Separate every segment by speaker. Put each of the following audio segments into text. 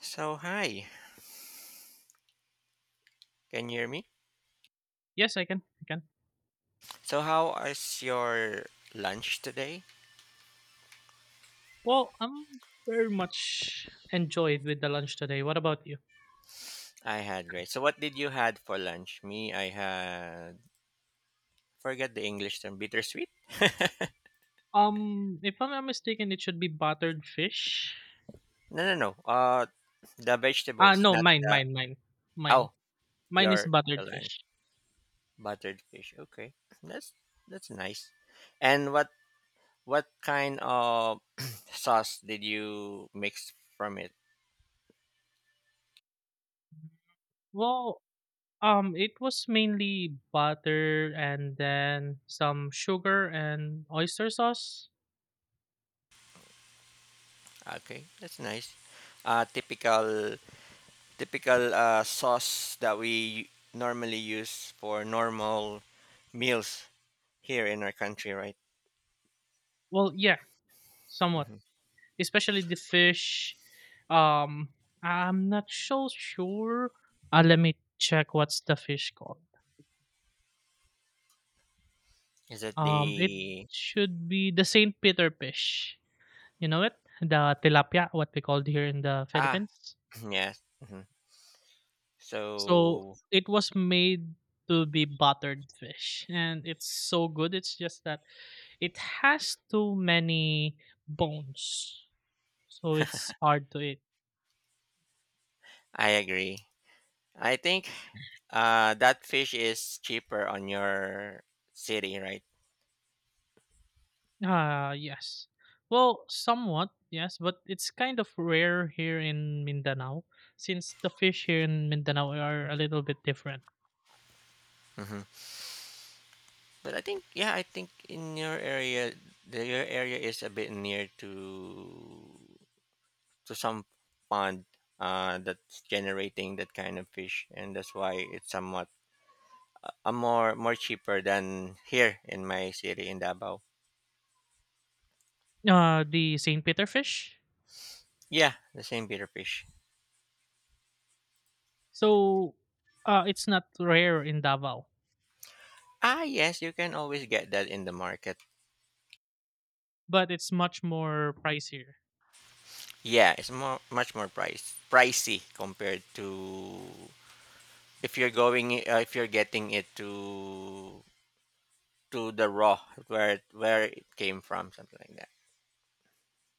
Speaker 1: So, hi. Can you hear me?
Speaker 2: Yes, I can. I can.
Speaker 1: So, how is your lunch today?
Speaker 2: Well, I'm very much enjoyed with the lunch today. What about you?
Speaker 1: I had great. So, what did you had for lunch? Me, I had forget the English term, bittersweet.
Speaker 2: If I'm not mistaken, it should be buttered fish.
Speaker 1: No, no, no. The
Speaker 2: Ah,
Speaker 1: vegetables,
Speaker 2: no,
Speaker 1: not
Speaker 2: mine,
Speaker 1: the.
Speaker 2: mine, mine, mine.
Speaker 1: Oh,
Speaker 2: Mine is
Speaker 1: your
Speaker 2: buttered
Speaker 1: your lunch,
Speaker 2: fish.
Speaker 1: buttered fish. Okay, that's that's nice. And what kind of sauce did you mix from it?
Speaker 2: Well, it was mainly butter and then some sugar and oyster sauce.
Speaker 1: Okay, that's nice. Uh, typical typical sauce that we normally use for normal meals here in our country, right?
Speaker 2: Well, yeah, somewhat.
Speaker 1: Hmm.
Speaker 2: Especially the fish. Um, I'm not so sure. Let me check what's the fish called.
Speaker 1: Is it
Speaker 2: It
Speaker 1: the?
Speaker 2: should be the Saint Peter fish. You know it? The tilapia, what we called here in the
Speaker 1: Ah,
Speaker 2: Philippines.
Speaker 1: yeah? Hmm.
Speaker 2: So
Speaker 1: So,
Speaker 2: it was made to be buttered fish, and it's so good. It's just that it has too many bones, so it's hard to eat.
Speaker 1: I agree. I think that fish is cheaper on your city, right?
Speaker 2: Ah, yes. Well, somewhat, yes, but it's kind of rare here in Mindanao since the fish here in Mindanao are a little bit different.
Speaker 1: Hmm. But I think, yeah, I think in your area, your area is a bit near to some pond, that's generating that kind of fish, and that's why it's somewhat, more cheaper than here in my city in Davao.
Speaker 2: The Saint Peter fish.
Speaker 1: Yeah, the same bitter fish.
Speaker 2: So, it's not rare in Davao,
Speaker 1: Ah, yes, you can always get that in the market.
Speaker 2: but it's much more pricier.
Speaker 1: Yeah, it's more much more pricey compared to if you're going, if you're getting it to the raw, where it came from, something like that.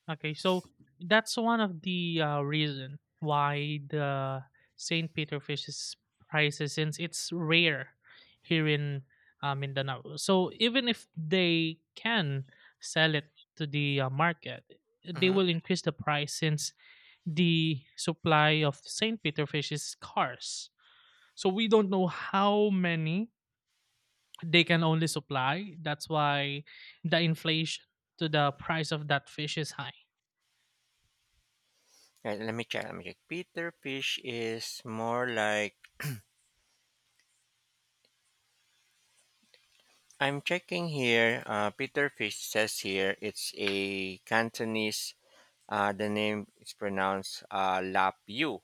Speaker 2: Okay, so that's one of the reason why the Saint Peter fish is pricey since it's rare here in Mindanao. So even if they can sell it to the market, they
Speaker 1: Mm-hmm.
Speaker 2: will increase the price since the supply of Saint Peter fish is scarce. So we don't know how many they can only supply. That's why the inflation to the price of that fish is high.
Speaker 1: Let me check. Let me check. Peter fish is more like. I'm checking here. Peter fish says here it's a Cantonese. The name is pronounced Lapiu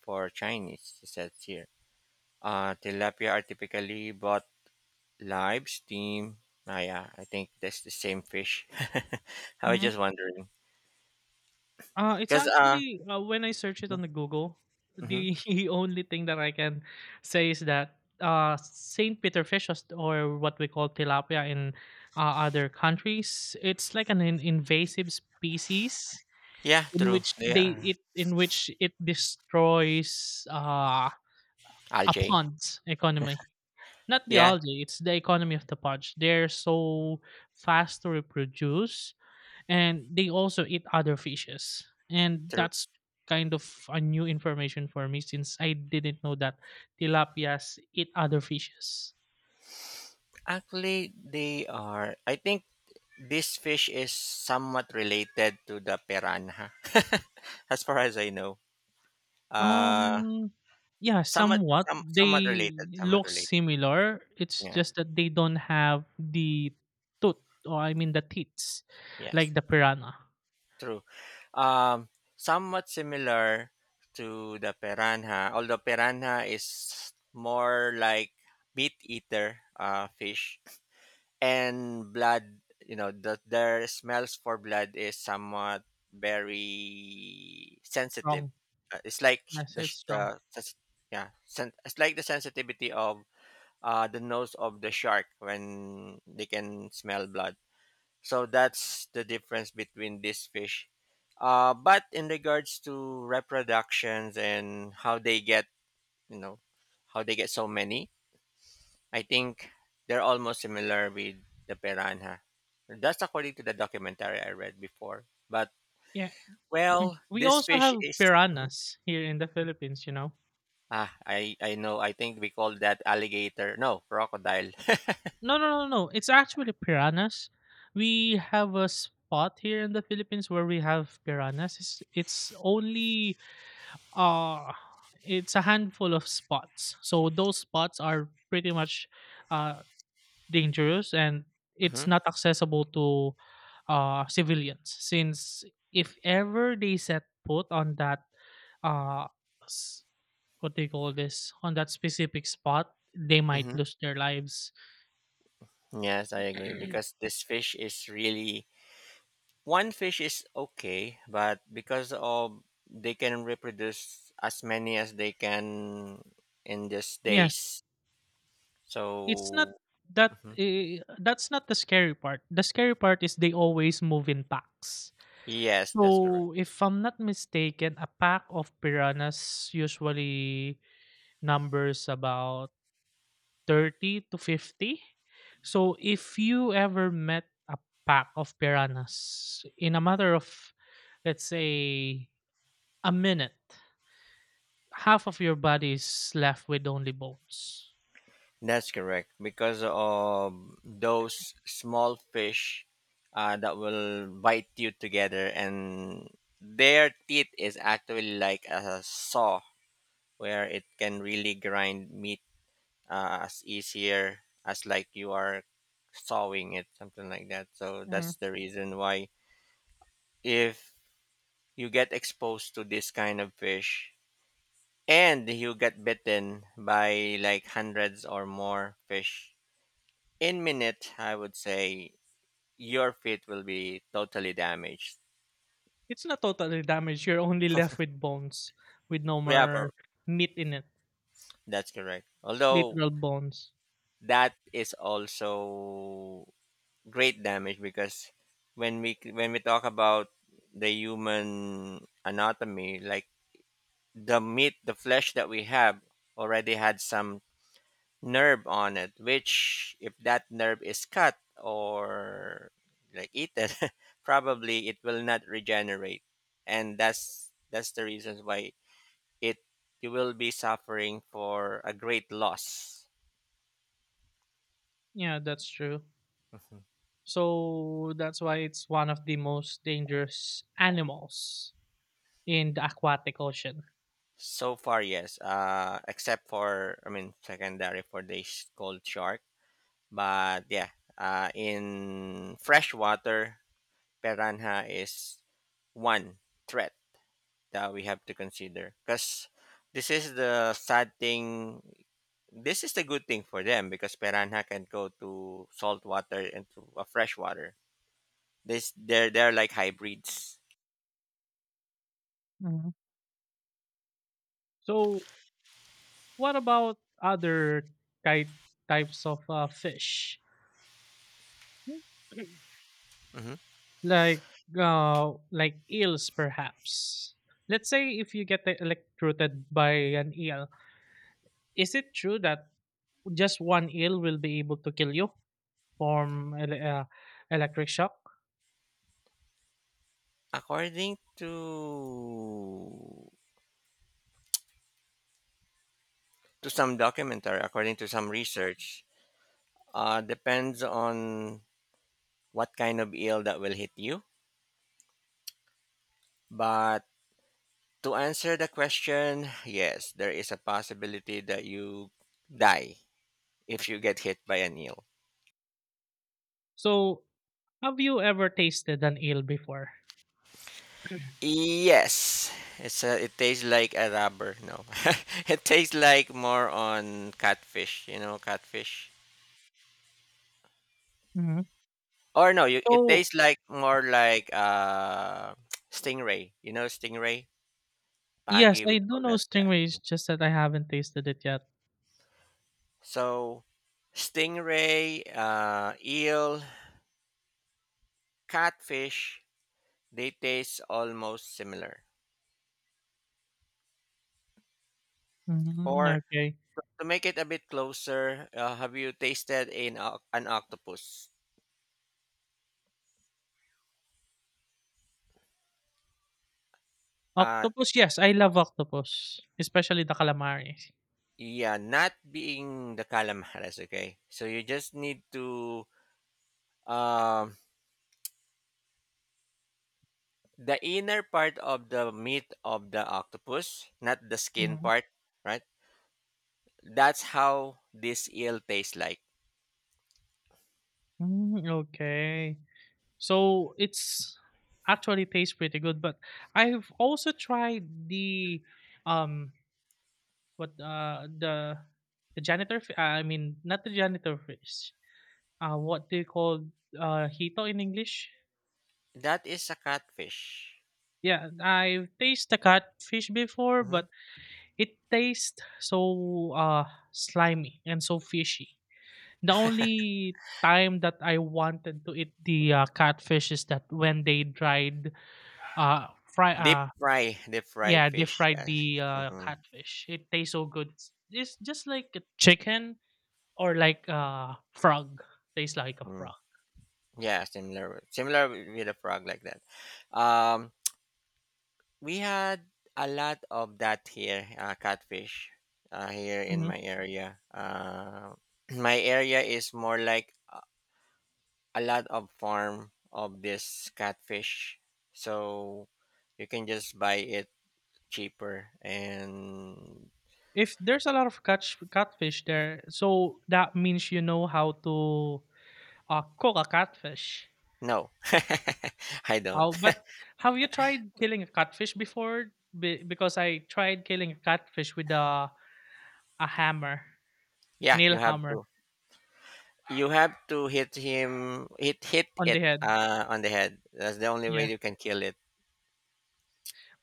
Speaker 1: for Chinese, it says here. Tilapia are typically bought live, steam. Ah, yeah, I think that's the same fish. I was
Speaker 2: Hmm.
Speaker 1: just wondering.
Speaker 2: It's
Speaker 1: Because,
Speaker 2: actually when I search it on the Google,
Speaker 1: mhm.
Speaker 2: the only thing that I can say is that Saint Peter fish or what we call tilapia in other countries, it's like an invasive species.
Speaker 1: Yeah,
Speaker 2: In
Speaker 1: true.
Speaker 2: which
Speaker 1: They
Speaker 2: they
Speaker 1: are
Speaker 2: it in which it destroys a
Speaker 1: algae.
Speaker 2: pond's economy. Not the
Speaker 1: Yeah,
Speaker 2: algae; it's the economy of the pond. They're so fast to reproduce, and they also eat other fishes, and
Speaker 1: true.
Speaker 2: that's kind of a new information for me since I didn't know that tilapias eat other fishes.
Speaker 1: Actually, they are. I think this fish is somewhat related to the piranha, as far as I know. Uh,
Speaker 2: Um, yeah,
Speaker 1: somewhat,
Speaker 2: somewhat.
Speaker 1: somewhat
Speaker 2: They
Speaker 1: related, somewhat
Speaker 2: look
Speaker 1: related.
Speaker 2: similar. It's
Speaker 1: Yeah.
Speaker 2: just that they don't have the tooth, or I mean the teats,
Speaker 1: Yes,
Speaker 2: like the piranha.
Speaker 1: true. Um, somewhat similar to the piranha, although piranha is more like meat eater fish and blood. You know that their smells for blood is somewhat very sensitive.
Speaker 2: Strong.
Speaker 1: It's like
Speaker 2: Yes,
Speaker 1: the
Speaker 2: it's
Speaker 1: sh-
Speaker 2: strong.
Speaker 1: the sens- yeah, it's like the sensitivity of the nose of the shark when they can smell blood. So that's the difference between this fish. But in regards to reproductions and you know, how they get so many, I think they're almost similar with the piranha. That's according to the documentary I read before. But
Speaker 2: Yeah. Mhm.
Speaker 1: well,
Speaker 2: We
Speaker 1: this
Speaker 2: also
Speaker 1: fish
Speaker 2: have
Speaker 1: is. Mhm.
Speaker 2: piranhas here in the Philippines.
Speaker 1: Ah, I know. I think we call that alligator. No, crocodile.
Speaker 2: No, no, no, no. It's actually piranhas. We have a spot here in the Philippines where we have piranhas. It's only uh it's a handful of spots, so those spots are pretty much uh dangerous, and
Speaker 1: Hmm.
Speaker 2: it's not accessible to civilians. Since if ever they set foot on that uh s- what do you call this on that specific spot, they might
Speaker 1: Hmm.
Speaker 2: lose their lives.
Speaker 1: Yes, I agree, because this fish is really. One fish is okay, but because of, they can reproduce as many as they can in these
Speaker 2: Yes,
Speaker 1: days.
Speaker 2: it's not
Speaker 1: So.
Speaker 2: that
Speaker 1: Mhm.
Speaker 2: that's not the scary part. The scary part is they always move in packs.
Speaker 1: Yes, that's correct.
Speaker 2: So, if I'm not mistaken, a pack of piranhas usually numbers about 30 to 50. So, if you ever met a pack of piranhas in a matter of, let's say, a minute, half of your body is left with only bones.
Speaker 1: That's correct because of those small fish, that will bite you together, and their teeth is actually like a saw where it can really grind meat, as easier as like you are sawing it, something like that. So
Speaker 2: Mm.
Speaker 1: that's the reason why if you get exposed to this kind of fish and you get bitten by like hundreds or more fish in minute, I would say your feet will be totally damaged.
Speaker 2: It's not totally damaged. You're only left with bones, with no
Speaker 1: Yeah,
Speaker 2: more meat in it,
Speaker 1: that's correct. Although
Speaker 2: literal bones.
Speaker 1: that is also great damage, because when we talk about the human anatomy, like the meat, the flesh that we have, already had some nerve on it, which if that nerve is cut or like eaten, probably it will not regenerate, and that's the reasons why it you will be suffering for a great loss.
Speaker 2: Yeah, that's true. So that's why it's one of the most dangerous animals in the aquatic ocean.
Speaker 1: So far, yes. Except for, I mean, secondary for the cold shark, but yeah. In freshwater, piranha is one threat that we have to consider, because this is the sad thing. This is the good thing for them because piranha can go to salt water and to a freshwater. This They're like hybrids.
Speaker 2: Hmm. So what about other ki- types of fish?
Speaker 1: Mhm.
Speaker 2: Like eels perhaps. Let's say if you get electrocuted by an eel, is it true that just one eel will be able to kill you from electric shock?
Speaker 1: According to some documentary, according to some research, depends on what kind of ill that will hit you. But to answer the question, yes, there is a possibility that you die if you get hit by an eel.
Speaker 2: So have you ever tasted an eel before?
Speaker 1: Yes, it tastes like a rubber. No, it tastes like more on catfish. You know, catfish. Or no, it
Speaker 2: So,
Speaker 1: tastes like more like, stingray. You know, stingray.
Speaker 2: yes,
Speaker 1: Pagi, we
Speaker 2: I do
Speaker 1: call
Speaker 2: know
Speaker 1: that.
Speaker 2: stingray, it's
Speaker 1: Yeah.
Speaker 2: just that I haven't tasted it yet.
Speaker 1: So, stingray, eel, catfish, they taste almost similar.
Speaker 2: Mm,
Speaker 1: Or,
Speaker 2: okay.
Speaker 1: to make it a bit closer, have you tasted an octopus? Uh,
Speaker 2: Octopus, yes, I love octopus, especially the calamari.
Speaker 1: yeah, not being the calamares, okay? So you just need to, um, the inner part of the meat of the octopus, not the skin
Speaker 2: Mm.
Speaker 1: part, right? That's how this eel tastes like.
Speaker 2: Mm, okay. So, it's actually tastes pretty good, but I've also tried the, um what, the I mean, not the janitor fish. What they call hito in English?
Speaker 1: That is a catfish.
Speaker 2: Yeah, I've tasted the catfish before,
Speaker 1: Mm-hmm.
Speaker 2: but it tastes so slimy and so fishy. The only time that I wanted to eat the catfish is that when they dried, fry,
Speaker 1: Deep fry
Speaker 2: yeah, they
Speaker 1: fish.
Speaker 2: fried
Speaker 1: Yes.
Speaker 2: the
Speaker 1: Hmm.
Speaker 2: catfish. It tastes so good. It's just like a chicken or like a frog. Tastes like a
Speaker 1: Hmm.
Speaker 2: frog.
Speaker 1: Yeah, similar, similar with a frog like that. Um, we had a lot of that here, catfish, here in
Speaker 2: Mhm.
Speaker 1: my area. My area is more like a lot of farm of this catfish, so you can just buy it cheaper. And
Speaker 2: If there's a lot of catfish there, so that means you know how to cook a catfish.
Speaker 1: no, I don't.
Speaker 2: Oh, but have you tried killing a catfish before? Because I tried killing a catfish with a hammer,
Speaker 1: Yeah,
Speaker 2: nail
Speaker 1: you have
Speaker 2: hammer,
Speaker 1: to. You have to hit him, hit
Speaker 2: on the
Speaker 1: it
Speaker 2: head.
Speaker 1: on the head. That's the only
Speaker 2: Yeah,
Speaker 1: way you can kill it.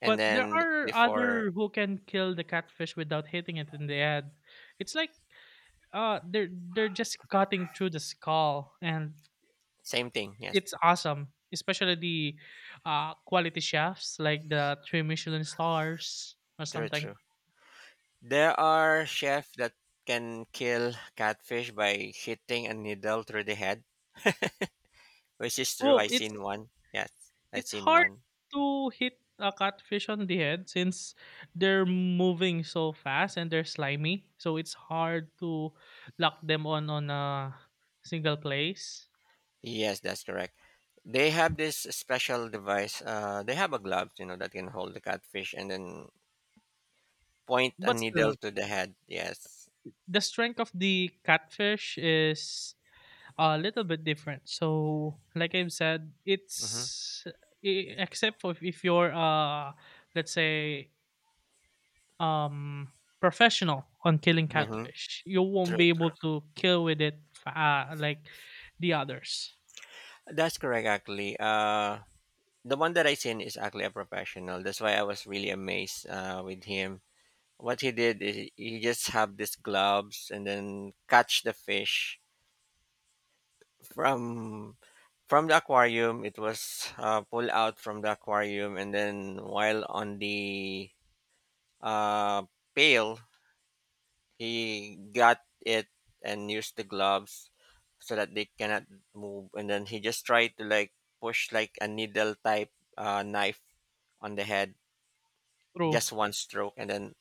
Speaker 1: And
Speaker 2: but there
Speaker 1: then
Speaker 2: are
Speaker 1: before,
Speaker 2: other who can kill the catfish without hitting it in the head. It's like they're just cutting through the skull, and
Speaker 1: same thing. Yes,
Speaker 2: it's awesome. Especially the quality chefs, like the three Michelin stars or
Speaker 1: true,
Speaker 2: something.
Speaker 1: true. There are chefs that can kill catfish by hitting a needle through the head, which is true. I
Speaker 2: Oh, it's.
Speaker 1: seen one. Yes, I
Speaker 2: It's
Speaker 1: seen
Speaker 2: hard
Speaker 1: one.
Speaker 2: to hit a catfish on the head since they're moving so fast and they're slimy. So it's hard to lock them on a single place.
Speaker 1: Yes, that's correct. They have this special device. They have a glove, you know, that can hold the catfish and then point a
Speaker 2: But
Speaker 1: needle
Speaker 2: still,
Speaker 1: to the head. Yes.
Speaker 2: the strength of the catfish is a little bit different. So, like I've said,
Speaker 1: Mm-hmm.
Speaker 2: except for if you're, let's say, um professional on killing
Speaker 1: Mm-hmm.
Speaker 2: catfish, you won't
Speaker 1: True.
Speaker 2: be able
Speaker 1: True.
Speaker 2: to kill with it like the others.
Speaker 1: That's correct, actually. The one that I seen is actually a professional. That's why I was really amazed with him. What he did is he just have these gloves and then catch the fish from from the aquarium. It was pulled out from the aquarium, and then while on the, uh, pail, he got it and used the gloves so that they cannot move, and then he just tried to, like, push like a needle type, knife on the head.
Speaker 2: True,
Speaker 1: Just one stroke, and then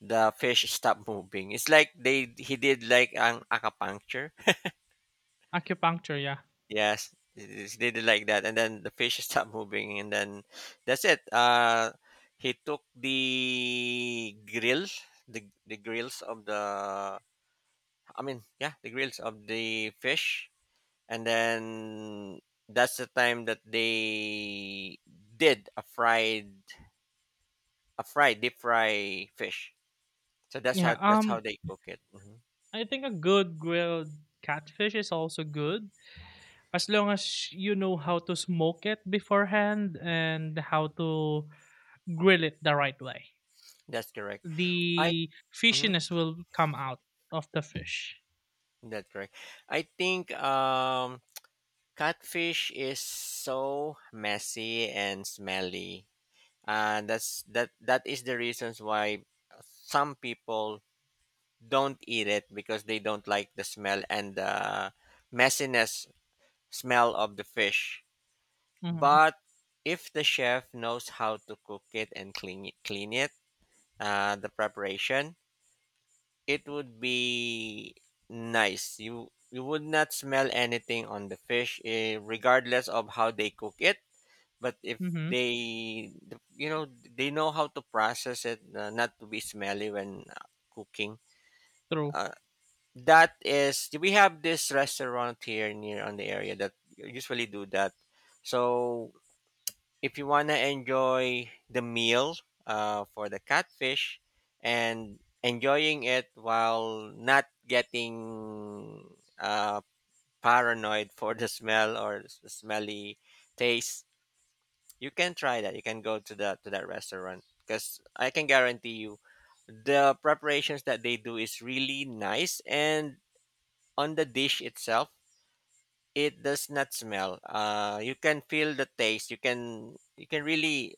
Speaker 1: the fish stopped moving. It's like they he did like an acupuncture.
Speaker 2: acupuncture, yeah.
Speaker 1: Yes, they did like that, and then the fish stopped moving, and then that's it. He took the grills, the grills of the I mean, yeah, the grills of the fish, and then that's the time that they did a fried deep fry fish. So that's
Speaker 2: Yeah,
Speaker 1: how that's how they cook it. Hmm.
Speaker 2: I think a good grilled catfish is also good, as long as you know how to smoke it beforehand and how to grill it the right way.
Speaker 1: That's correct. I
Speaker 2: The
Speaker 1: mhm.
Speaker 2: fishiness will come out of the fish.
Speaker 1: That's correct. I think catfish is so messy and smelly, and that is the reasons why some people don't eat it, because they don't like the smell and the messiness smell of the fish.
Speaker 2: Mhm,
Speaker 1: But if the chef knows how to cook it and clean it, the preparation, it would be nice. You would not smell anything on the fish, eh, regardless of how they cook it. But if
Speaker 2: mhm,
Speaker 1: they, you know, they know how to process it, not to be smelly when cooking.
Speaker 2: true.
Speaker 1: Uh, that is, we have this restaurant here near on the area that usually do that. So if you want to enjoy the meal, for the catfish, and enjoying it while not getting, uh, paranoid for the smell or the smelly taste, you can try that. You can go to that restaurant, because I can guarantee you the preparations that they do is really nice, and on the dish itself, it does not smell. You can feel the taste. You can really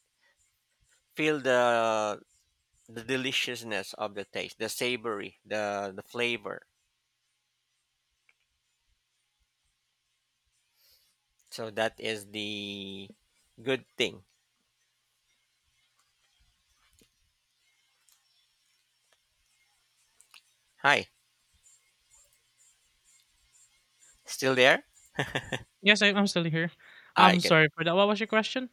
Speaker 1: feel the deliciousness of the taste, the savory, the flavor. So that is the good thing. Hi, still there?
Speaker 2: Yes, I'm still here.
Speaker 1: I
Speaker 2: I'm
Speaker 1: get.
Speaker 2: sorry for that. What was your question?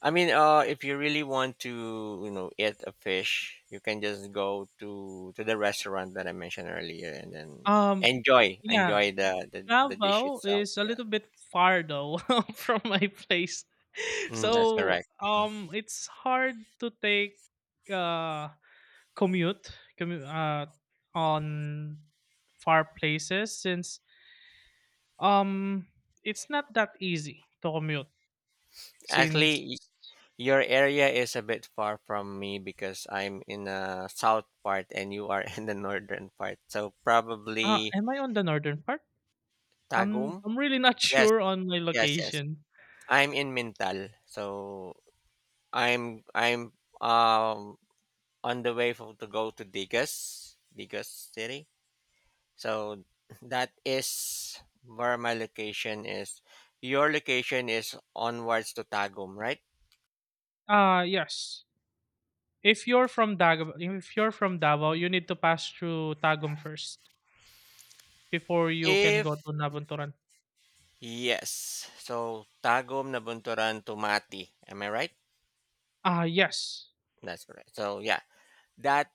Speaker 1: I mean, if you really want to, you know, eat a fish, you can just go to the restaurant that I mentioned earlier, and then
Speaker 2: Um,
Speaker 1: enjoy
Speaker 2: yeah,
Speaker 1: enjoy the dish
Speaker 2: Davao
Speaker 1: itself.
Speaker 2: is a
Speaker 1: Yeah,
Speaker 2: little bit far though from my place,
Speaker 1: that's
Speaker 2: so
Speaker 1: correct. Mm-hmm.
Speaker 2: it's hard to take uh commute commu on far places, since um it's not that easy to commute, since.
Speaker 1: Actually, your area is a bit far from me because I'm in a south part and you are in the northern part. So
Speaker 2: Ah,
Speaker 1: probably
Speaker 2: am I on the northern part?
Speaker 1: Tagum.
Speaker 2: I'm really not
Speaker 1: Yes,
Speaker 2: sure on my
Speaker 1: yes, yes.
Speaker 2: location.
Speaker 1: I'm in Mintal. So I'm um on the way to go to Digas, City. So that is where my location is. Your location is onwards to Tagum, right?
Speaker 2: Ah, yes. If you're from Davao, you need to pass through Tagum first before you can go
Speaker 1: If.
Speaker 2: to Nabunturan.
Speaker 1: Yes. So Tagum, Nabunturan, Tumati. Am I right?
Speaker 2: Ah, yes.
Speaker 1: That's correct. So yeah, that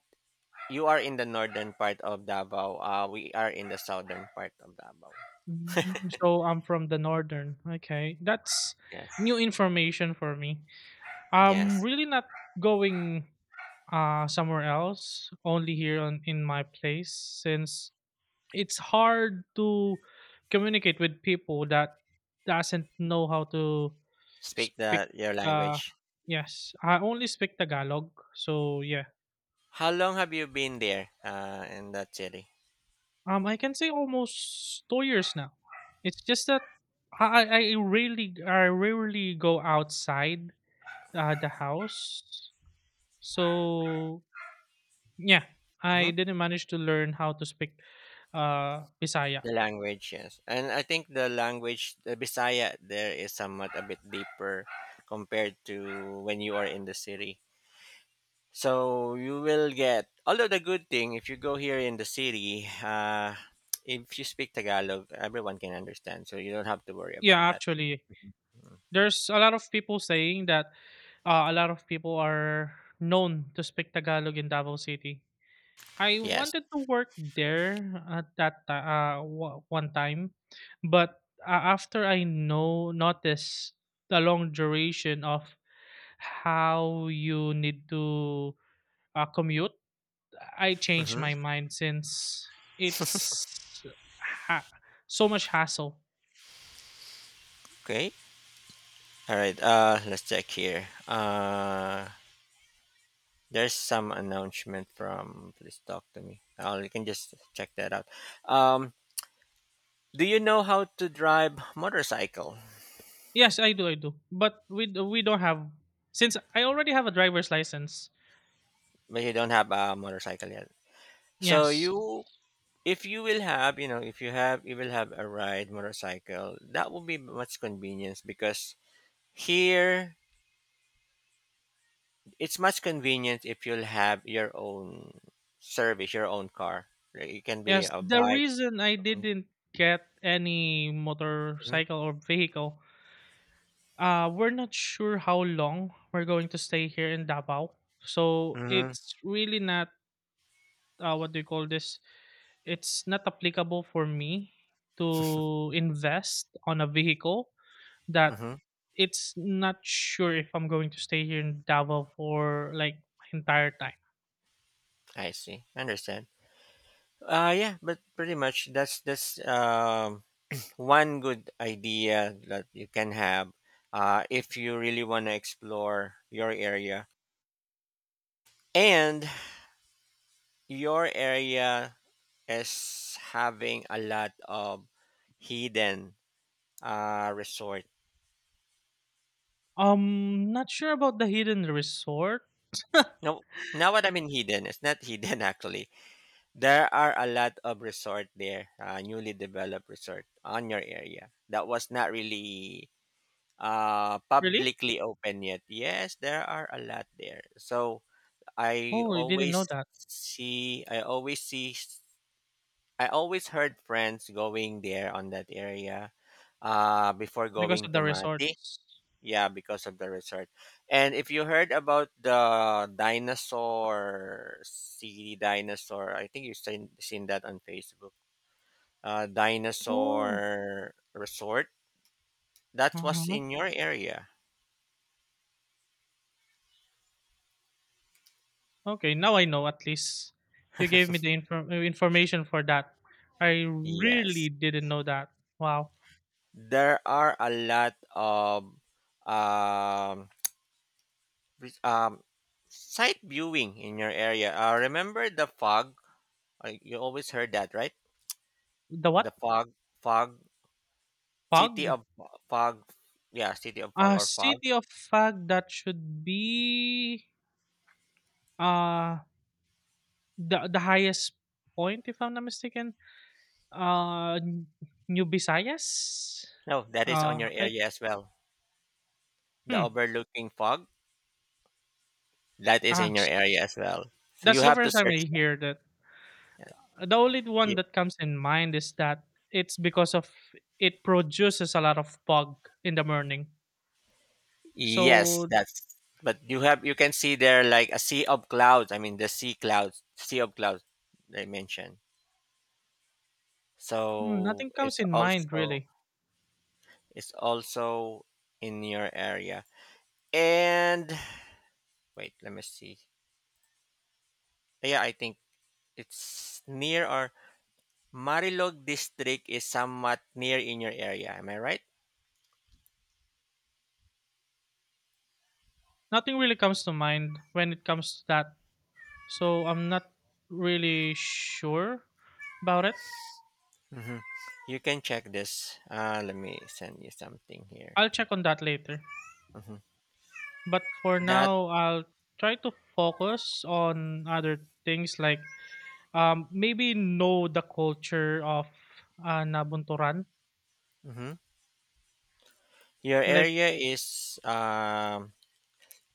Speaker 1: you are in the northern part of Davao. We are in the southern part of Davao.
Speaker 2: Mm, so I'm from the northern. Okay, that's
Speaker 1: Yes.
Speaker 2: new information for me.
Speaker 1: Yes.
Speaker 2: I'm really not going somewhere else, only here on in my place since it's hard to communicate with people that doesn't know how to
Speaker 1: Speak
Speaker 2: speak.
Speaker 1: the your
Speaker 2: uh
Speaker 1: language.
Speaker 2: yes, I only speak Tagalog, so yeah.
Speaker 1: How long have you been there? In that city.
Speaker 2: I can say almost 2 years now. It's just that I really I rarely go outside the house. So yeah, I
Speaker 1: Hmm.
Speaker 2: didn't manage to learn how to speak bisaya.
Speaker 1: The language, yes, and I think the language, the Bisaya, there is somewhat a bit deeper compared to when you are in the city. So you will get, although the good thing, if you go here in the city, if you speak Tagalog, everyone can understand. So you don't have to worry about
Speaker 2: Yeah,
Speaker 1: that.
Speaker 2: actually there's a lot of people saying that, a lot of people are known to speak Tagalog in Davao City. I
Speaker 1: Yes.
Speaker 2: wanted to work there at that one time, but after I know notice the long duration of how you need to commute, I changed
Speaker 1: Mm-hmm.
Speaker 2: my mind since it's ha- so much hassle.
Speaker 1: Okay. All right. Let's check here. There's some announcement from, please talk to me. Oh, you can just check that out. Um, do you know how to drive motorcycle?
Speaker 2: Yes, I do, but we don't have, since I already have a driver's license.
Speaker 1: But you don't have a motorcycle yet. So
Speaker 2: Yes.
Speaker 1: you, if you will have, if you have, you will have a ride motorcycle that will be much convenience because here it's much convenient if you'll have your own service, your own car. Like, it can be
Speaker 2: Yes,
Speaker 1: a
Speaker 2: the
Speaker 1: bike.
Speaker 2: reason I didn't get any
Speaker 1: Mm-hmm.
Speaker 2: motorcycle or vehicle, we're not sure how long we're going to stay here in Davao. So
Speaker 1: Mm-hmm.
Speaker 2: it's really not, what do you call this? It's not applicable for me to invest on a vehicle that
Speaker 1: hmm
Speaker 2: it's not sure if I'm going to stay here in Davao for like my entire time.
Speaker 1: I see, understand. Yeah, but pretty much that's one good idea that you can have if you really want to explore your area, and your area is having a lot of hidden resort.
Speaker 2: Not sure about the hidden resort.
Speaker 1: No, now what I mean hidden, it's not hidden actually. There are a lot of resort there, newly developed resort on your area that was not really
Speaker 2: Really?
Speaker 1: publicly open yet. Yes, there are a lot there. So I
Speaker 2: Oh, you didn't know
Speaker 1: always
Speaker 2: that.
Speaker 1: see, I always see, I always heard friends going there on that area before
Speaker 2: Because
Speaker 1: going
Speaker 2: of
Speaker 1: to
Speaker 2: the
Speaker 1: Mati.
Speaker 2: resorts.
Speaker 1: Yeah, because of the resort. And if you heard about the dinosaur city dinosaur, I think you've seen that on Facebook.
Speaker 2: Oh.
Speaker 1: Dinosaur resort.
Speaker 2: Uh
Speaker 1: That was
Speaker 2: huh.
Speaker 1: in your area.
Speaker 2: Okay, now I know at least. You gave me the information for that. I really
Speaker 1: Yes.
Speaker 2: didn't know that. Wow.
Speaker 1: There are a lot of um, vis- um, sight viewing in your area. Remember the fog? You always heard that, right?
Speaker 2: The
Speaker 1: The
Speaker 2: what?
Speaker 1: fog, city
Speaker 2: Fog?
Speaker 1: of fog. Yeah, city of fog or fog.
Speaker 2: City of fog, that should be uh the highest point if I'm not mistaken. Uh N- New Visayas?
Speaker 1: No, that is on your
Speaker 2: I.
Speaker 1: area as well. The
Speaker 2: Hmm.
Speaker 1: overlooking fog, that is
Speaker 2: Ah,
Speaker 1: in your area as well. So you
Speaker 2: that's the
Speaker 1: have to
Speaker 2: first time
Speaker 1: search
Speaker 2: I hear that.
Speaker 1: that.
Speaker 2: The only
Speaker 1: Y-
Speaker 2: one that comes in mind is that it's because of it produces a lot of fog in the morning.
Speaker 1: Yes,
Speaker 2: So.
Speaker 1: that's, but you have, you can see there like a sea of clouds. I mean the sea clouds, sea of clouds, they mentioned. So
Speaker 2: Nothing comes
Speaker 1: it's
Speaker 2: in mind
Speaker 1: also
Speaker 2: really.
Speaker 1: it's also in your area. And wait, let me see. Yeah, I think it's near or Marilog district is somewhat near in your area. Am I right?
Speaker 2: Nothing really comes to mind when it comes to that. So I'm not really sure about it.
Speaker 1: Hmm. You can check this. Let me send you something here.
Speaker 2: I'll check on that later.
Speaker 1: Hmm.
Speaker 2: But for
Speaker 1: That.
Speaker 2: now, I'll try to focus on other things like, maybe know the culture of Nabunturan.
Speaker 1: Mhm. Your
Speaker 2: Like.
Speaker 1: area is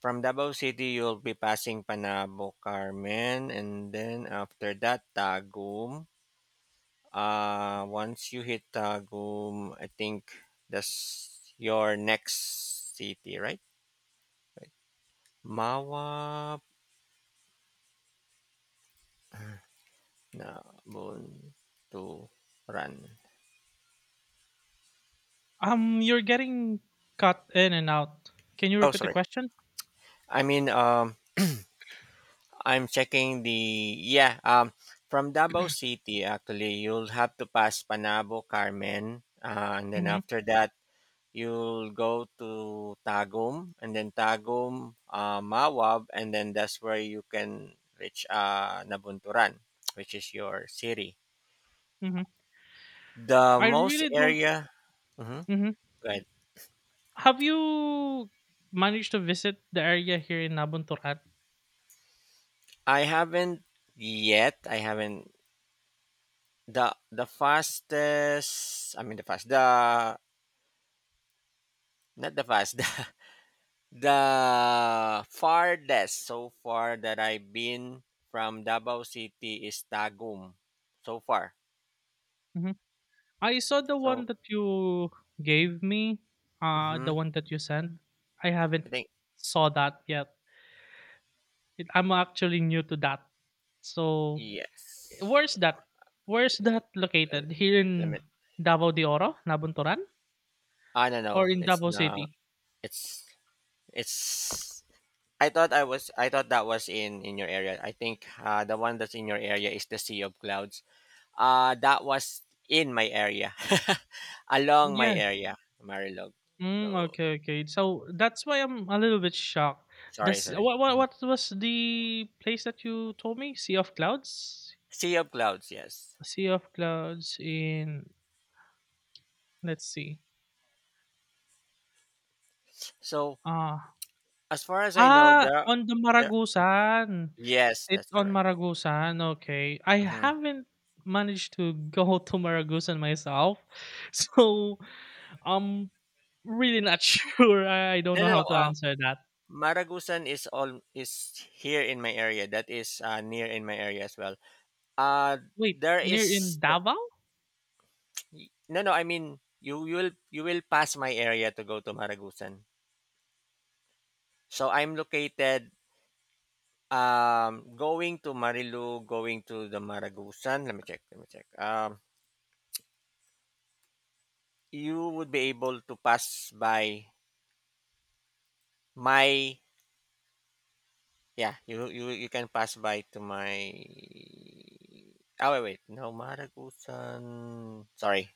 Speaker 1: from Davao City. You'll be passing Panabo Carmen, and then after that Tagum. Once you hit Tagum, I think that's your next city, right? Right. Mawa na to run.
Speaker 2: You're getting cut in and out. Can you
Speaker 1: Oh,
Speaker 2: repeat the
Speaker 1: sorry.
Speaker 2: question?
Speaker 1: I mean, I'm checking the, yeah. From Davao City, actually, you'll have to pass Panabo, Carmen, and then
Speaker 2: Mhm,
Speaker 1: after that, you'll go to Tagum, and then Tagum, Mawab, and then that's where you can reach Nabunturan, which is your city.
Speaker 2: mhm.
Speaker 1: The
Speaker 2: I
Speaker 1: most
Speaker 2: really don't.
Speaker 1: area. Mm-hmm.
Speaker 2: Mhm.
Speaker 1: Right.
Speaker 2: Have you managed to visit the area here in Nabunturan?
Speaker 1: I haven't yet. I haven't the fastest. I mean the fast, the, not the fast. The farthest so far that I've been from Davao City is Tagum so far.
Speaker 2: Nabuntoran? Mhm. I saw the one
Speaker 1: So,
Speaker 2: that you gave me, the
Speaker 1: mhm,
Speaker 2: one that you sent. I haven't
Speaker 1: I think
Speaker 2: saw that yet. I'm actually new to that. So,
Speaker 1: yes.
Speaker 2: where's that? Where's that located? Here
Speaker 1: Let
Speaker 2: in
Speaker 1: me.
Speaker 2: Davao de Oro, Nabunturan,
Speaker 1: I don't
Speaker 2: or
Speaker 1: know.
Speaker 2: in
Speaker 1: It's
Speaker 2: Davao
Speaker 1: not.
Speaker 2: City?
Speaker 1: It's it's. I thought I was. I thought that was in your area. I think the one that's in your area is the Sea of Clouds. That was in my area, along my
Speaker 2: Yeah.
Speaker 1: area, Marilog.
Speaker 2: Mm,
Speaker 1: So
Speaker 2: okay, okay. So that's why I'm a little bit shocked.
Speaker 1: sorry,
Speaker 2: This
Speaker 1: sorry. Mm-hmm.
Speaker 2: what was the place that you told me? Sea of Clouds?
Speaker 1: Sea of Clouds, yes.
Speaker 2: Sea of Clouds in, let's see.
Speaker 1: So
Speaker 2: Ah.
Speaker 1: as far as I know,
Speaker 2: Ah,
Speaker 1: there,
Speaker 2: on the
Speaker 1: there
Speaker 2: Maragusan.
Speaker 1: yes,
Speaker 2: It's
Speaker 1: that's
Speaker 2: on
Speaker 1: correct.
Speaker 2: Maragusan. Okay. I
Speaker 1: Hmm.
Speaker 2: haven't managed to go to Maragusan myself. So I'm really not sure. I don't
Speaker 1: No,
Speaker 2: know
Speaker 1: no,
Speaker 2: how
Speaker 1: no.
Speaker 2: to answer that.
Speaker 1: Maragusan is all is here in my area. That is near in my area as well. Uh
Speaker 2: Wait,
Speaker 1: there
Speaker 2: near
Speaker 1: is,
Speaker 2: in Davao?
Speaker 1: no, no. I mean, you you will pass my area to go to Maragusan. So I'm located going to Marilu, going to the Maragusan. Let me check. Let me check. You would be able to pass by my. Yeah, you can pass by to my. Oh wait, wait. No, Maragusan. Sorry,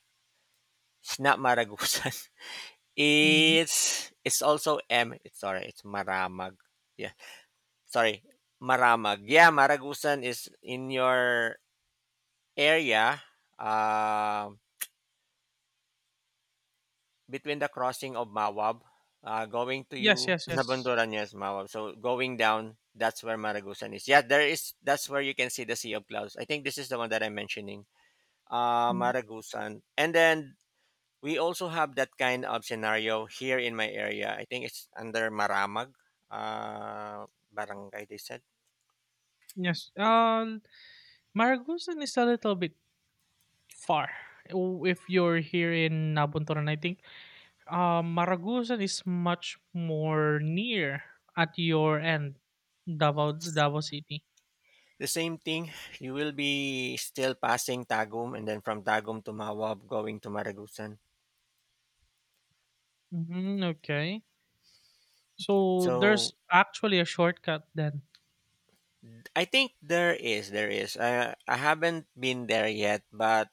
Speaker 1: it's not Maragusan.
Speaker 2: Mhm.
Speaker 1: It's also M. It's, sorry, it's Maramag. Yeah, sorry, Maramag. Yeah, Maragusan is in your area, um, between the crossing of Mawab, going to
Speaker 2: Yes,
Speaker 1: you
Speaker 2: yes, yes.
Speaker 1: Nabunduran, yes, Mawab. So going down, that's where Maragusan is. Yeah, there is. That's where you can see the Sea of Clouds. I think this is the one that I'm mentioning.
Speaker 2: Mm,
Speaker 1: Maragusan. And then we also have that kind of scenario here in my area. I think it's under Maramag uh, barangay, they said.
Speaker 2: yes. Maragusan is a little bit far. If you're here in Nabuntoran, I think Maragusan is much more near at your end, Davao, Davao City.
Speaker 1: The same thing, you will be still passing Tagum and then from Tagum to Mawab going to Maragusan.
Speaker 2: Hmm, okay. So there's
Speaker 1: So
Speaker 2: actually a shortcut then.
Speaker 1: I think there is. I haven't been there yet, but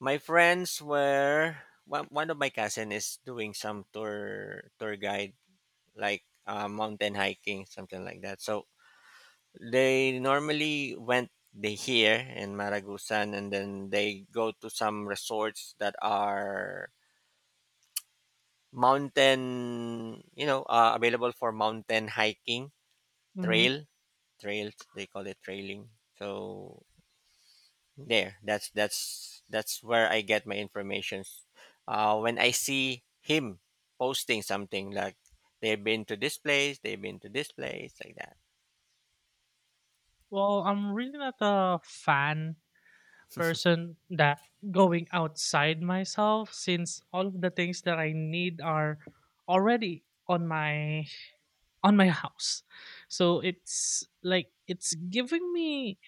Speaker 1: my friends were, one of my cousin is doing some tour guide, like mountain hiking, something like that. So they normally went they here in Maragusan, and then they go to some resorts that are mountain, available for mountain hiking,
Speaker 2: Hmm.
Speaker 1: trail, trails, they call it trailing. So that's where I get my information. When I see him posting something like they've been to this place, they've been to this place, like that.
Speaker 2: Well, I'm really not a fan person that going outside myself, since all of the things that I need are already on my house. So it's like it's giving me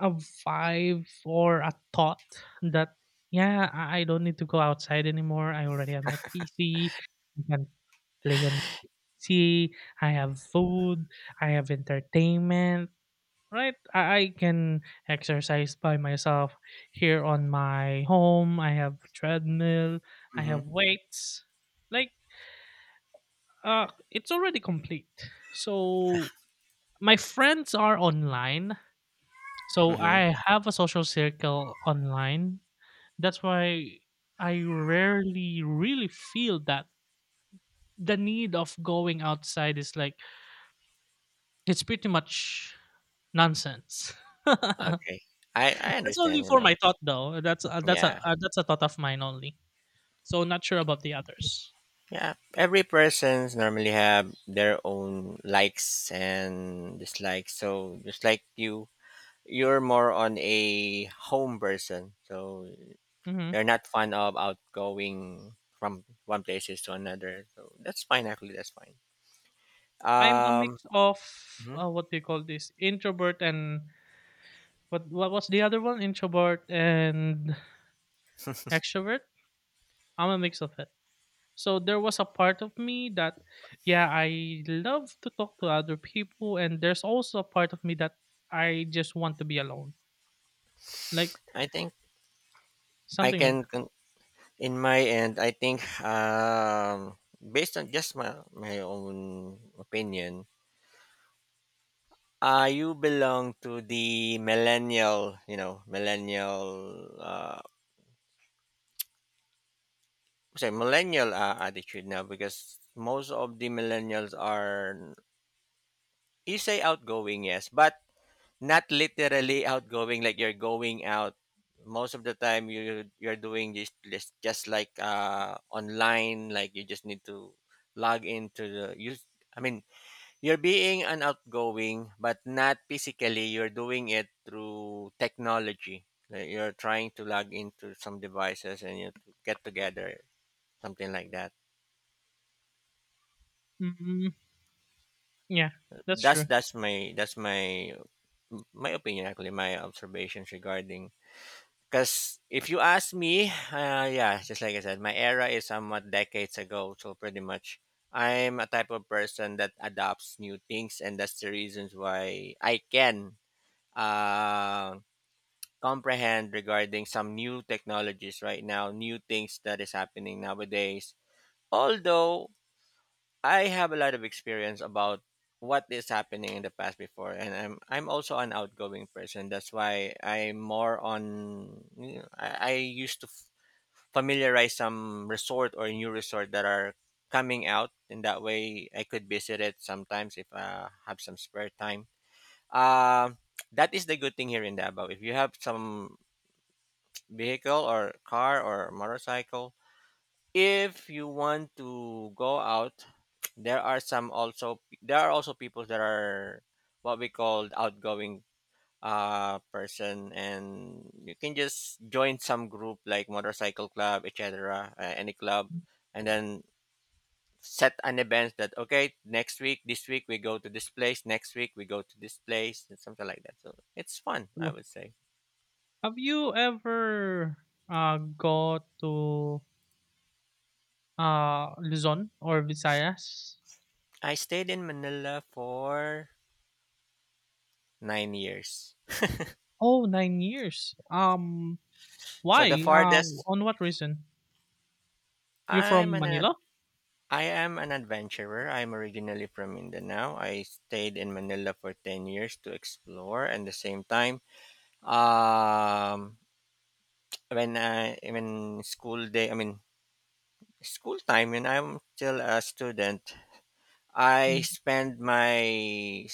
Speaker 2: a vibe or a thought that yeah, I don't need to go outside anymore. I already have my PC. I can play on PC. I have food. I have entertainment. Right, I can exercise by myself here on my home. I have treadmill. I
Speaker 1: Mm-hmm.
Speaker 2: have weights. Like, it's already complete. So my friends are online, so
Speaker 1: Mm-hmm.
Speaker 2: I have a social circle online. That's why I rarely really feel that the need of going outside is like it's pretty much nonsense. That's
Speaker 1: Okay. I understand,
Speaker 2: only
Speaker 1: you
Speaker 2: for
Speaker 1: know.
Speaker 2: my thought though. That's uh, that's a
Speaker 1: Yeah.
Speaker 2: uh, that's a thought of mine only. So not sure about the others.
Speaker 1: Yeah, every person's normally have their own likes and dislikes. So just like you, you're more on a home person. So
Speaker 2: Mhm.
Speaker 1: you're not fond of outgoing from one places to another. So that's fine. Actually, that's fine.
Speaker 2: I'm a
Speaker 1: Um,
Speaker 2: mix of,
Speaker 1: mhm.
Speaker 2: what do you call this, introvert and what was the other one? Introvert and extrovert. I'm a mix of it. So there was a part of me that, yeah, I love to talk to other people, and there's also a part of me that I just want to be alone, like
Speaker 1: I think I
Speaker 2: something
Speaker 1: can
Speaker 2: like
Speaker 1: con- in my end. I think based on just my own opinion. You belong to the millennial, you know, millennial, sorry, millennial attitude now, because most of the millennials are, you say, outgoing, yes, but not literally outgoing, like you're going out. Most of the time, you're doing just like online, like you just need to log into the you. I mean, you're being an outgoing, but not physically. You're doing it through technology. Like you're trying to log into some devices, and you get together, something like that.
Speaker 2: that. Mm. Yeah, that's
Speaker 1: That's
Speaker 2: true.
Speaker 1: that's my that's my my opinion, actually. My observations regarding. Because if you ask me, yeah, just like I said, my era is somewhat decades ago. So pretty much, I'm a type of person that adopts new things, and that's the reasons why I can. Um, Comprehend regarding some new technologies right now, new things that is happening nowadays. Although I have a lot of experience about what is happening in the past before, and I'm also an outgoing person. That's why I'm more on. You know, I used to familiarize some resort or new resort that are coming out, and that way I could visit it sometimes if I have some spare time. Um, that is the good thing here in Davao. If you have some vehicle or car or motorcycle. If you want to go out, there are also people that are what we call outgoing person, and you can just join some group like motorcycle club, etc., any club, and then set an event that, okay, next week this week we go to this place, next week we go to this place, and something like that, so it's fun, I
Speaker 2: True.
Speaker 1: would say.
Speaker 2: Have you ever go to Luzon or Visayas?
Speaker 1: I stayed in Manila for 9 years.
Speaker 2: Oh, 9 years.
Speaker 1: So the
Speaker 2: Why?
Speaker 1: farthest,
Speaker 2: On what reason? You from
Speaker 1: I'm an ad-
Speaker 2: Manila?
Speaker 1: I am an adventurer. I'm originally from Mindanao. I stayed in Manila for 10 years to explore, and the same time um when school day, I mean school time when I'm still a student, I spend my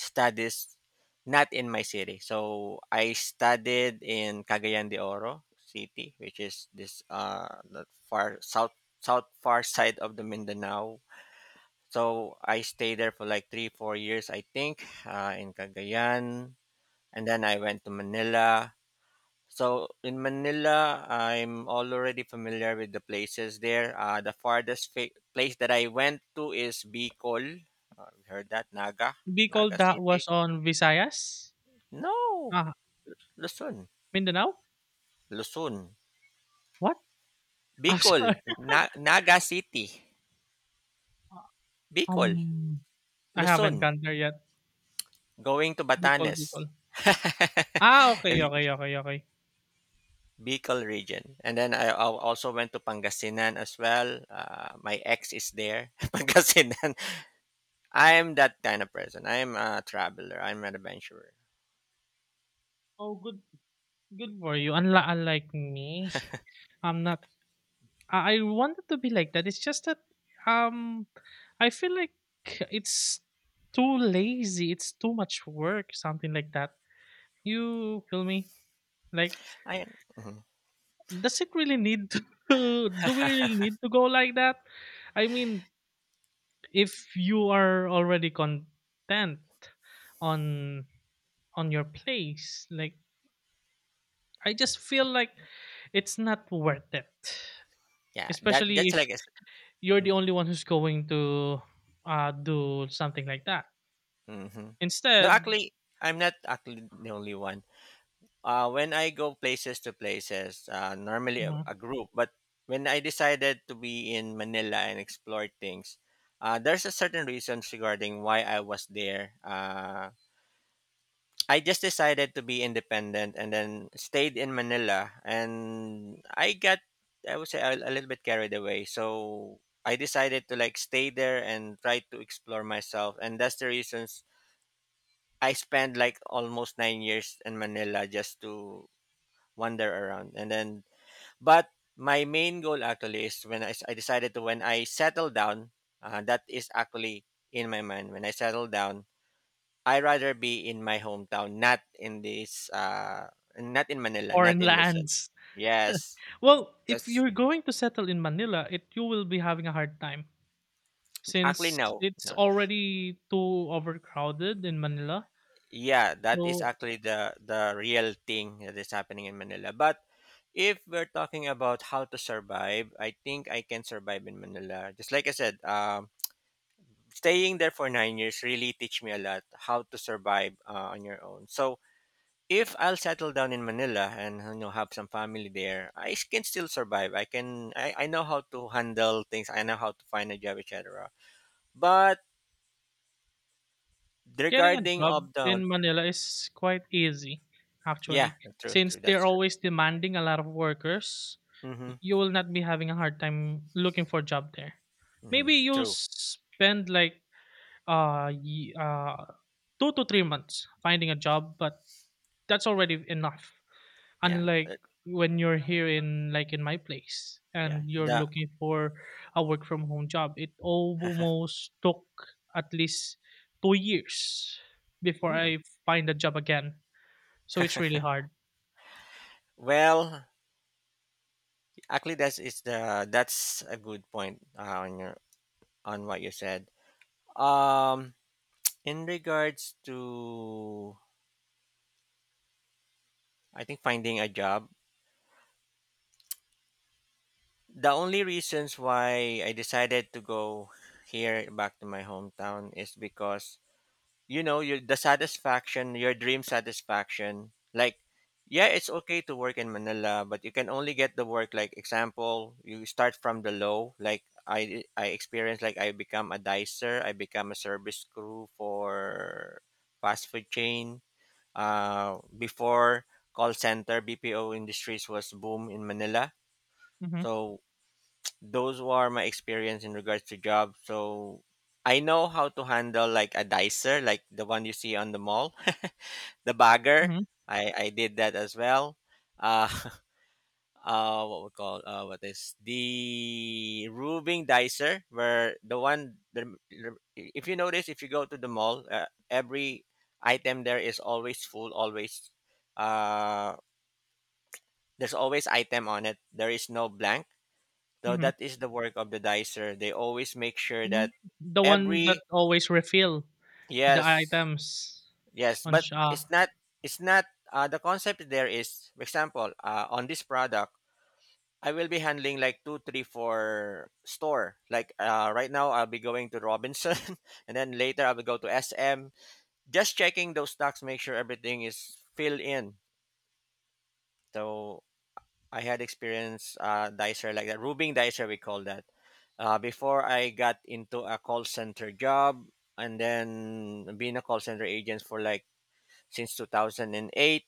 Speaker 1: studies not in my city. So I studied in Cagayan de Oro city, which is this the far south south far side of the Mindanao. So I stayed there for like 3, 4 years, I think, in Cagayan. And then I went to Manila. So in Manila, I'm all already familiar with the places there. The farthest place that I went to is Bicol. You heard that? Naga?
Speaker 2: Bicol,
Speaker 1: Naga
Speaker 2: that
Speaker 1: City?
Speaker 2: was on Visayas?
Speaker 1: No!
Speaker 2: Ah,
Speaker 1: Luzon.
Speaker 2: Mindanao?
Speaker 1: Luzon.
Speaker 2: What? I'm
Speaker 1: Bicol.
Speaker 2: sorry.
Speaker 1: Naga City. Bicol.
Speaker 2: Um, I haven't
Speaker 1: Luzon.
Speaker 2: gone there yet.
Speaker 1: Going to
Speaker 2: Bicol,
Speaker 1: Batanes.
Speaker 2: Bicol. Ah, okay,
Speaker 1: if,
Speaker 2: okay, okay, okay.
Speaker 1: Bicol region. And then I also went to Pangasinan as well. My ex is there, Pangasinan. I'm that kind of person. I'm a traveler. I'm an adventurer.
Speaker 2: Oh, good, good for you. Unlike, me, I'm not. I wanted to be like that. It's just that, um, I feel like it's too lazy. It's too much work, something like that. You kill me. Like,
Speaker 1: I Mhm.
Speaker 2: does it really need to? Do we really need to go like that? I mean, if you are already content on your place, like I just feel like it's not worth it.
Speaker 1: Yeah. That
Speaker 2: Especially
Speaker 1: that's
Speaker 2: if
Speaker 1: like a,
Speaker 2: you're the only one who's going to do something like that.
Speaker 1: hmm, no.
Speaker 2: Instead.
Speaker 1: Actually, I'm not actually the only one. When I go places to places, normally a,
Speaker 2: Mhm.
Speaker 1: a group. But when I decided to be in Manila and explore things, there's a certain reasons regarding why I was there. I just decided to be independent and then stayed in Manila, and I got, I would say, a little bit carried away. So I decided to like stay there and try to explore myself, and that's the reasons I spent like almost 9 years in Manila just to wander around, and then, but my main goal actually is when I, s- I decided to when I settle down, that is actually in my mind when I settle down, I rather be in my hometown, not in this, not in Manila,
Speaker 2: Foreign
Speaker 1: not in Luzon.
Speaker 2: lands.
Speaker 1: Yes,
Speaker 2: Well, if
Speaker 1: because
Speaker 2: you're going to settle in Manila, it you will be having a hard time,
Speaker 1: actually
Speaker 2: since
Speaker 1: no,
Speaker 2: it's
Speaker 1: no.
Speaker 2: already too overcrowded in Manila.
Speaker 1: Yeah, that is
Speaker 2: So
Speaker 1: actually the real thing that is happening in Manila. But if we're talking about how to survive, I think I can survive in Manila. Just like I said, staying there for 9 years really teach me a lot how to survive on your own. So if I'll settle down in Manila and have some family there, can still survive. I know how to handle things. I know how to find a job, etc. But
Speaker 2: getting a
Speaker 1: regarding
Speaker 2: job
Speaker 1: of the,
Speaker 2: in Manila is quite easy,
Speaker 1: yeah,
Speaker 2: actually,
Speaker 1: true,
Speaker 2: since
Speaker 1: true, that's
Speaker 2: they're
Speaker 1: true.
Speaker 2: always demanding a lot of workers.
Speaker 1: Mm-hmm,
Speaker 2: You will not be having a hard time looking for a job there.
Speaker 1: mm-hmm,
Speaker 2: Maybe you'll
Speaker 1: true.
Speaker 2: spend like uh, ye- uh 2 to 3 months finding a job, but that's already enough.
Speaker 1: Yeah,
Speaker 2: Unlike
Speaker 1: uh,
Speaker 2: when you're here in, like, in my place,
Speaker 1: yeah.
Speaker 2: and you're
Speaker 1: The
Speaker 2: looking for a work from home job, it almost took at least 2 years before
Speaker 1: hmm.
Speaker 2: I find a job again, so it's really hard.
Speaker 1: Well, actually, that's is the that's a good point on what you said. Um, in regards to, I think, finding a job. The only reasons why I decided to go here back to my hometown is because you know, you the satisfaction, your dream satisfaction. Like, yeah, it's okay to work in Manila, but you can only get the work. Like, example, you start from the low. Like I experienced, like, I become a dicer, I become a service crew for fast food chain. Before, call center BPO industries was boom in Manila.
Speaker 2: Mm-hmm,
Speaker 1: So those were my experience in regards to job. So I know how to handle like a dicer, like the one you see on the mall, the bagger.
Speaker 2: mm-hmm,
Speaker 1: I did that as well. Uh, what we call what is the roving dicer, where if you notice, if you go to the mall, every item there is always full, always uh, there's always item on it. There is no blank. Though
Speaker 2: mm-hmm.
Speaker 1: that is the work of the dicer. They always make sure
Speaker 2: Mm-hmm.
Speaker 1: that
Speaker 2: The one that
Speaker 1: every
Speaker 2: always refill the
Speaker 1: yes,
Speaker 2: items
Speaker 1: yes,
Speaker 2: on
Speaker 1: but
Speaker 2: sha.
Speaker 1: it's not the concept there is, for example, on this product, I will be handling like two, three, four store. Like right now, I'll be going to Robinson, and then later I will go to SM. Just checking those stocks, make sure everything is filled in. So I had experience dicer like that, Rubing dicer we call that. Before I got into a call center job, and then being a call center agent for like since 2008,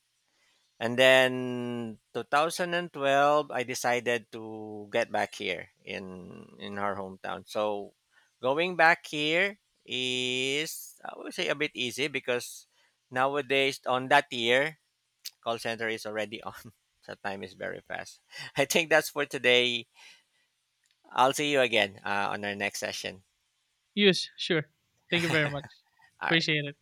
Speaker 1: and then 2012 I decided to get back here in our hometown. So going back here is, I would say, a bit easy because nowadays on that year, call center is already on. So time is very fast. I think that's for today. I'll see you again on our next session.
Speaker 2: Use sure. Thank you very much.
Speaker 1: All right.
Speaker 2: Appreciate it.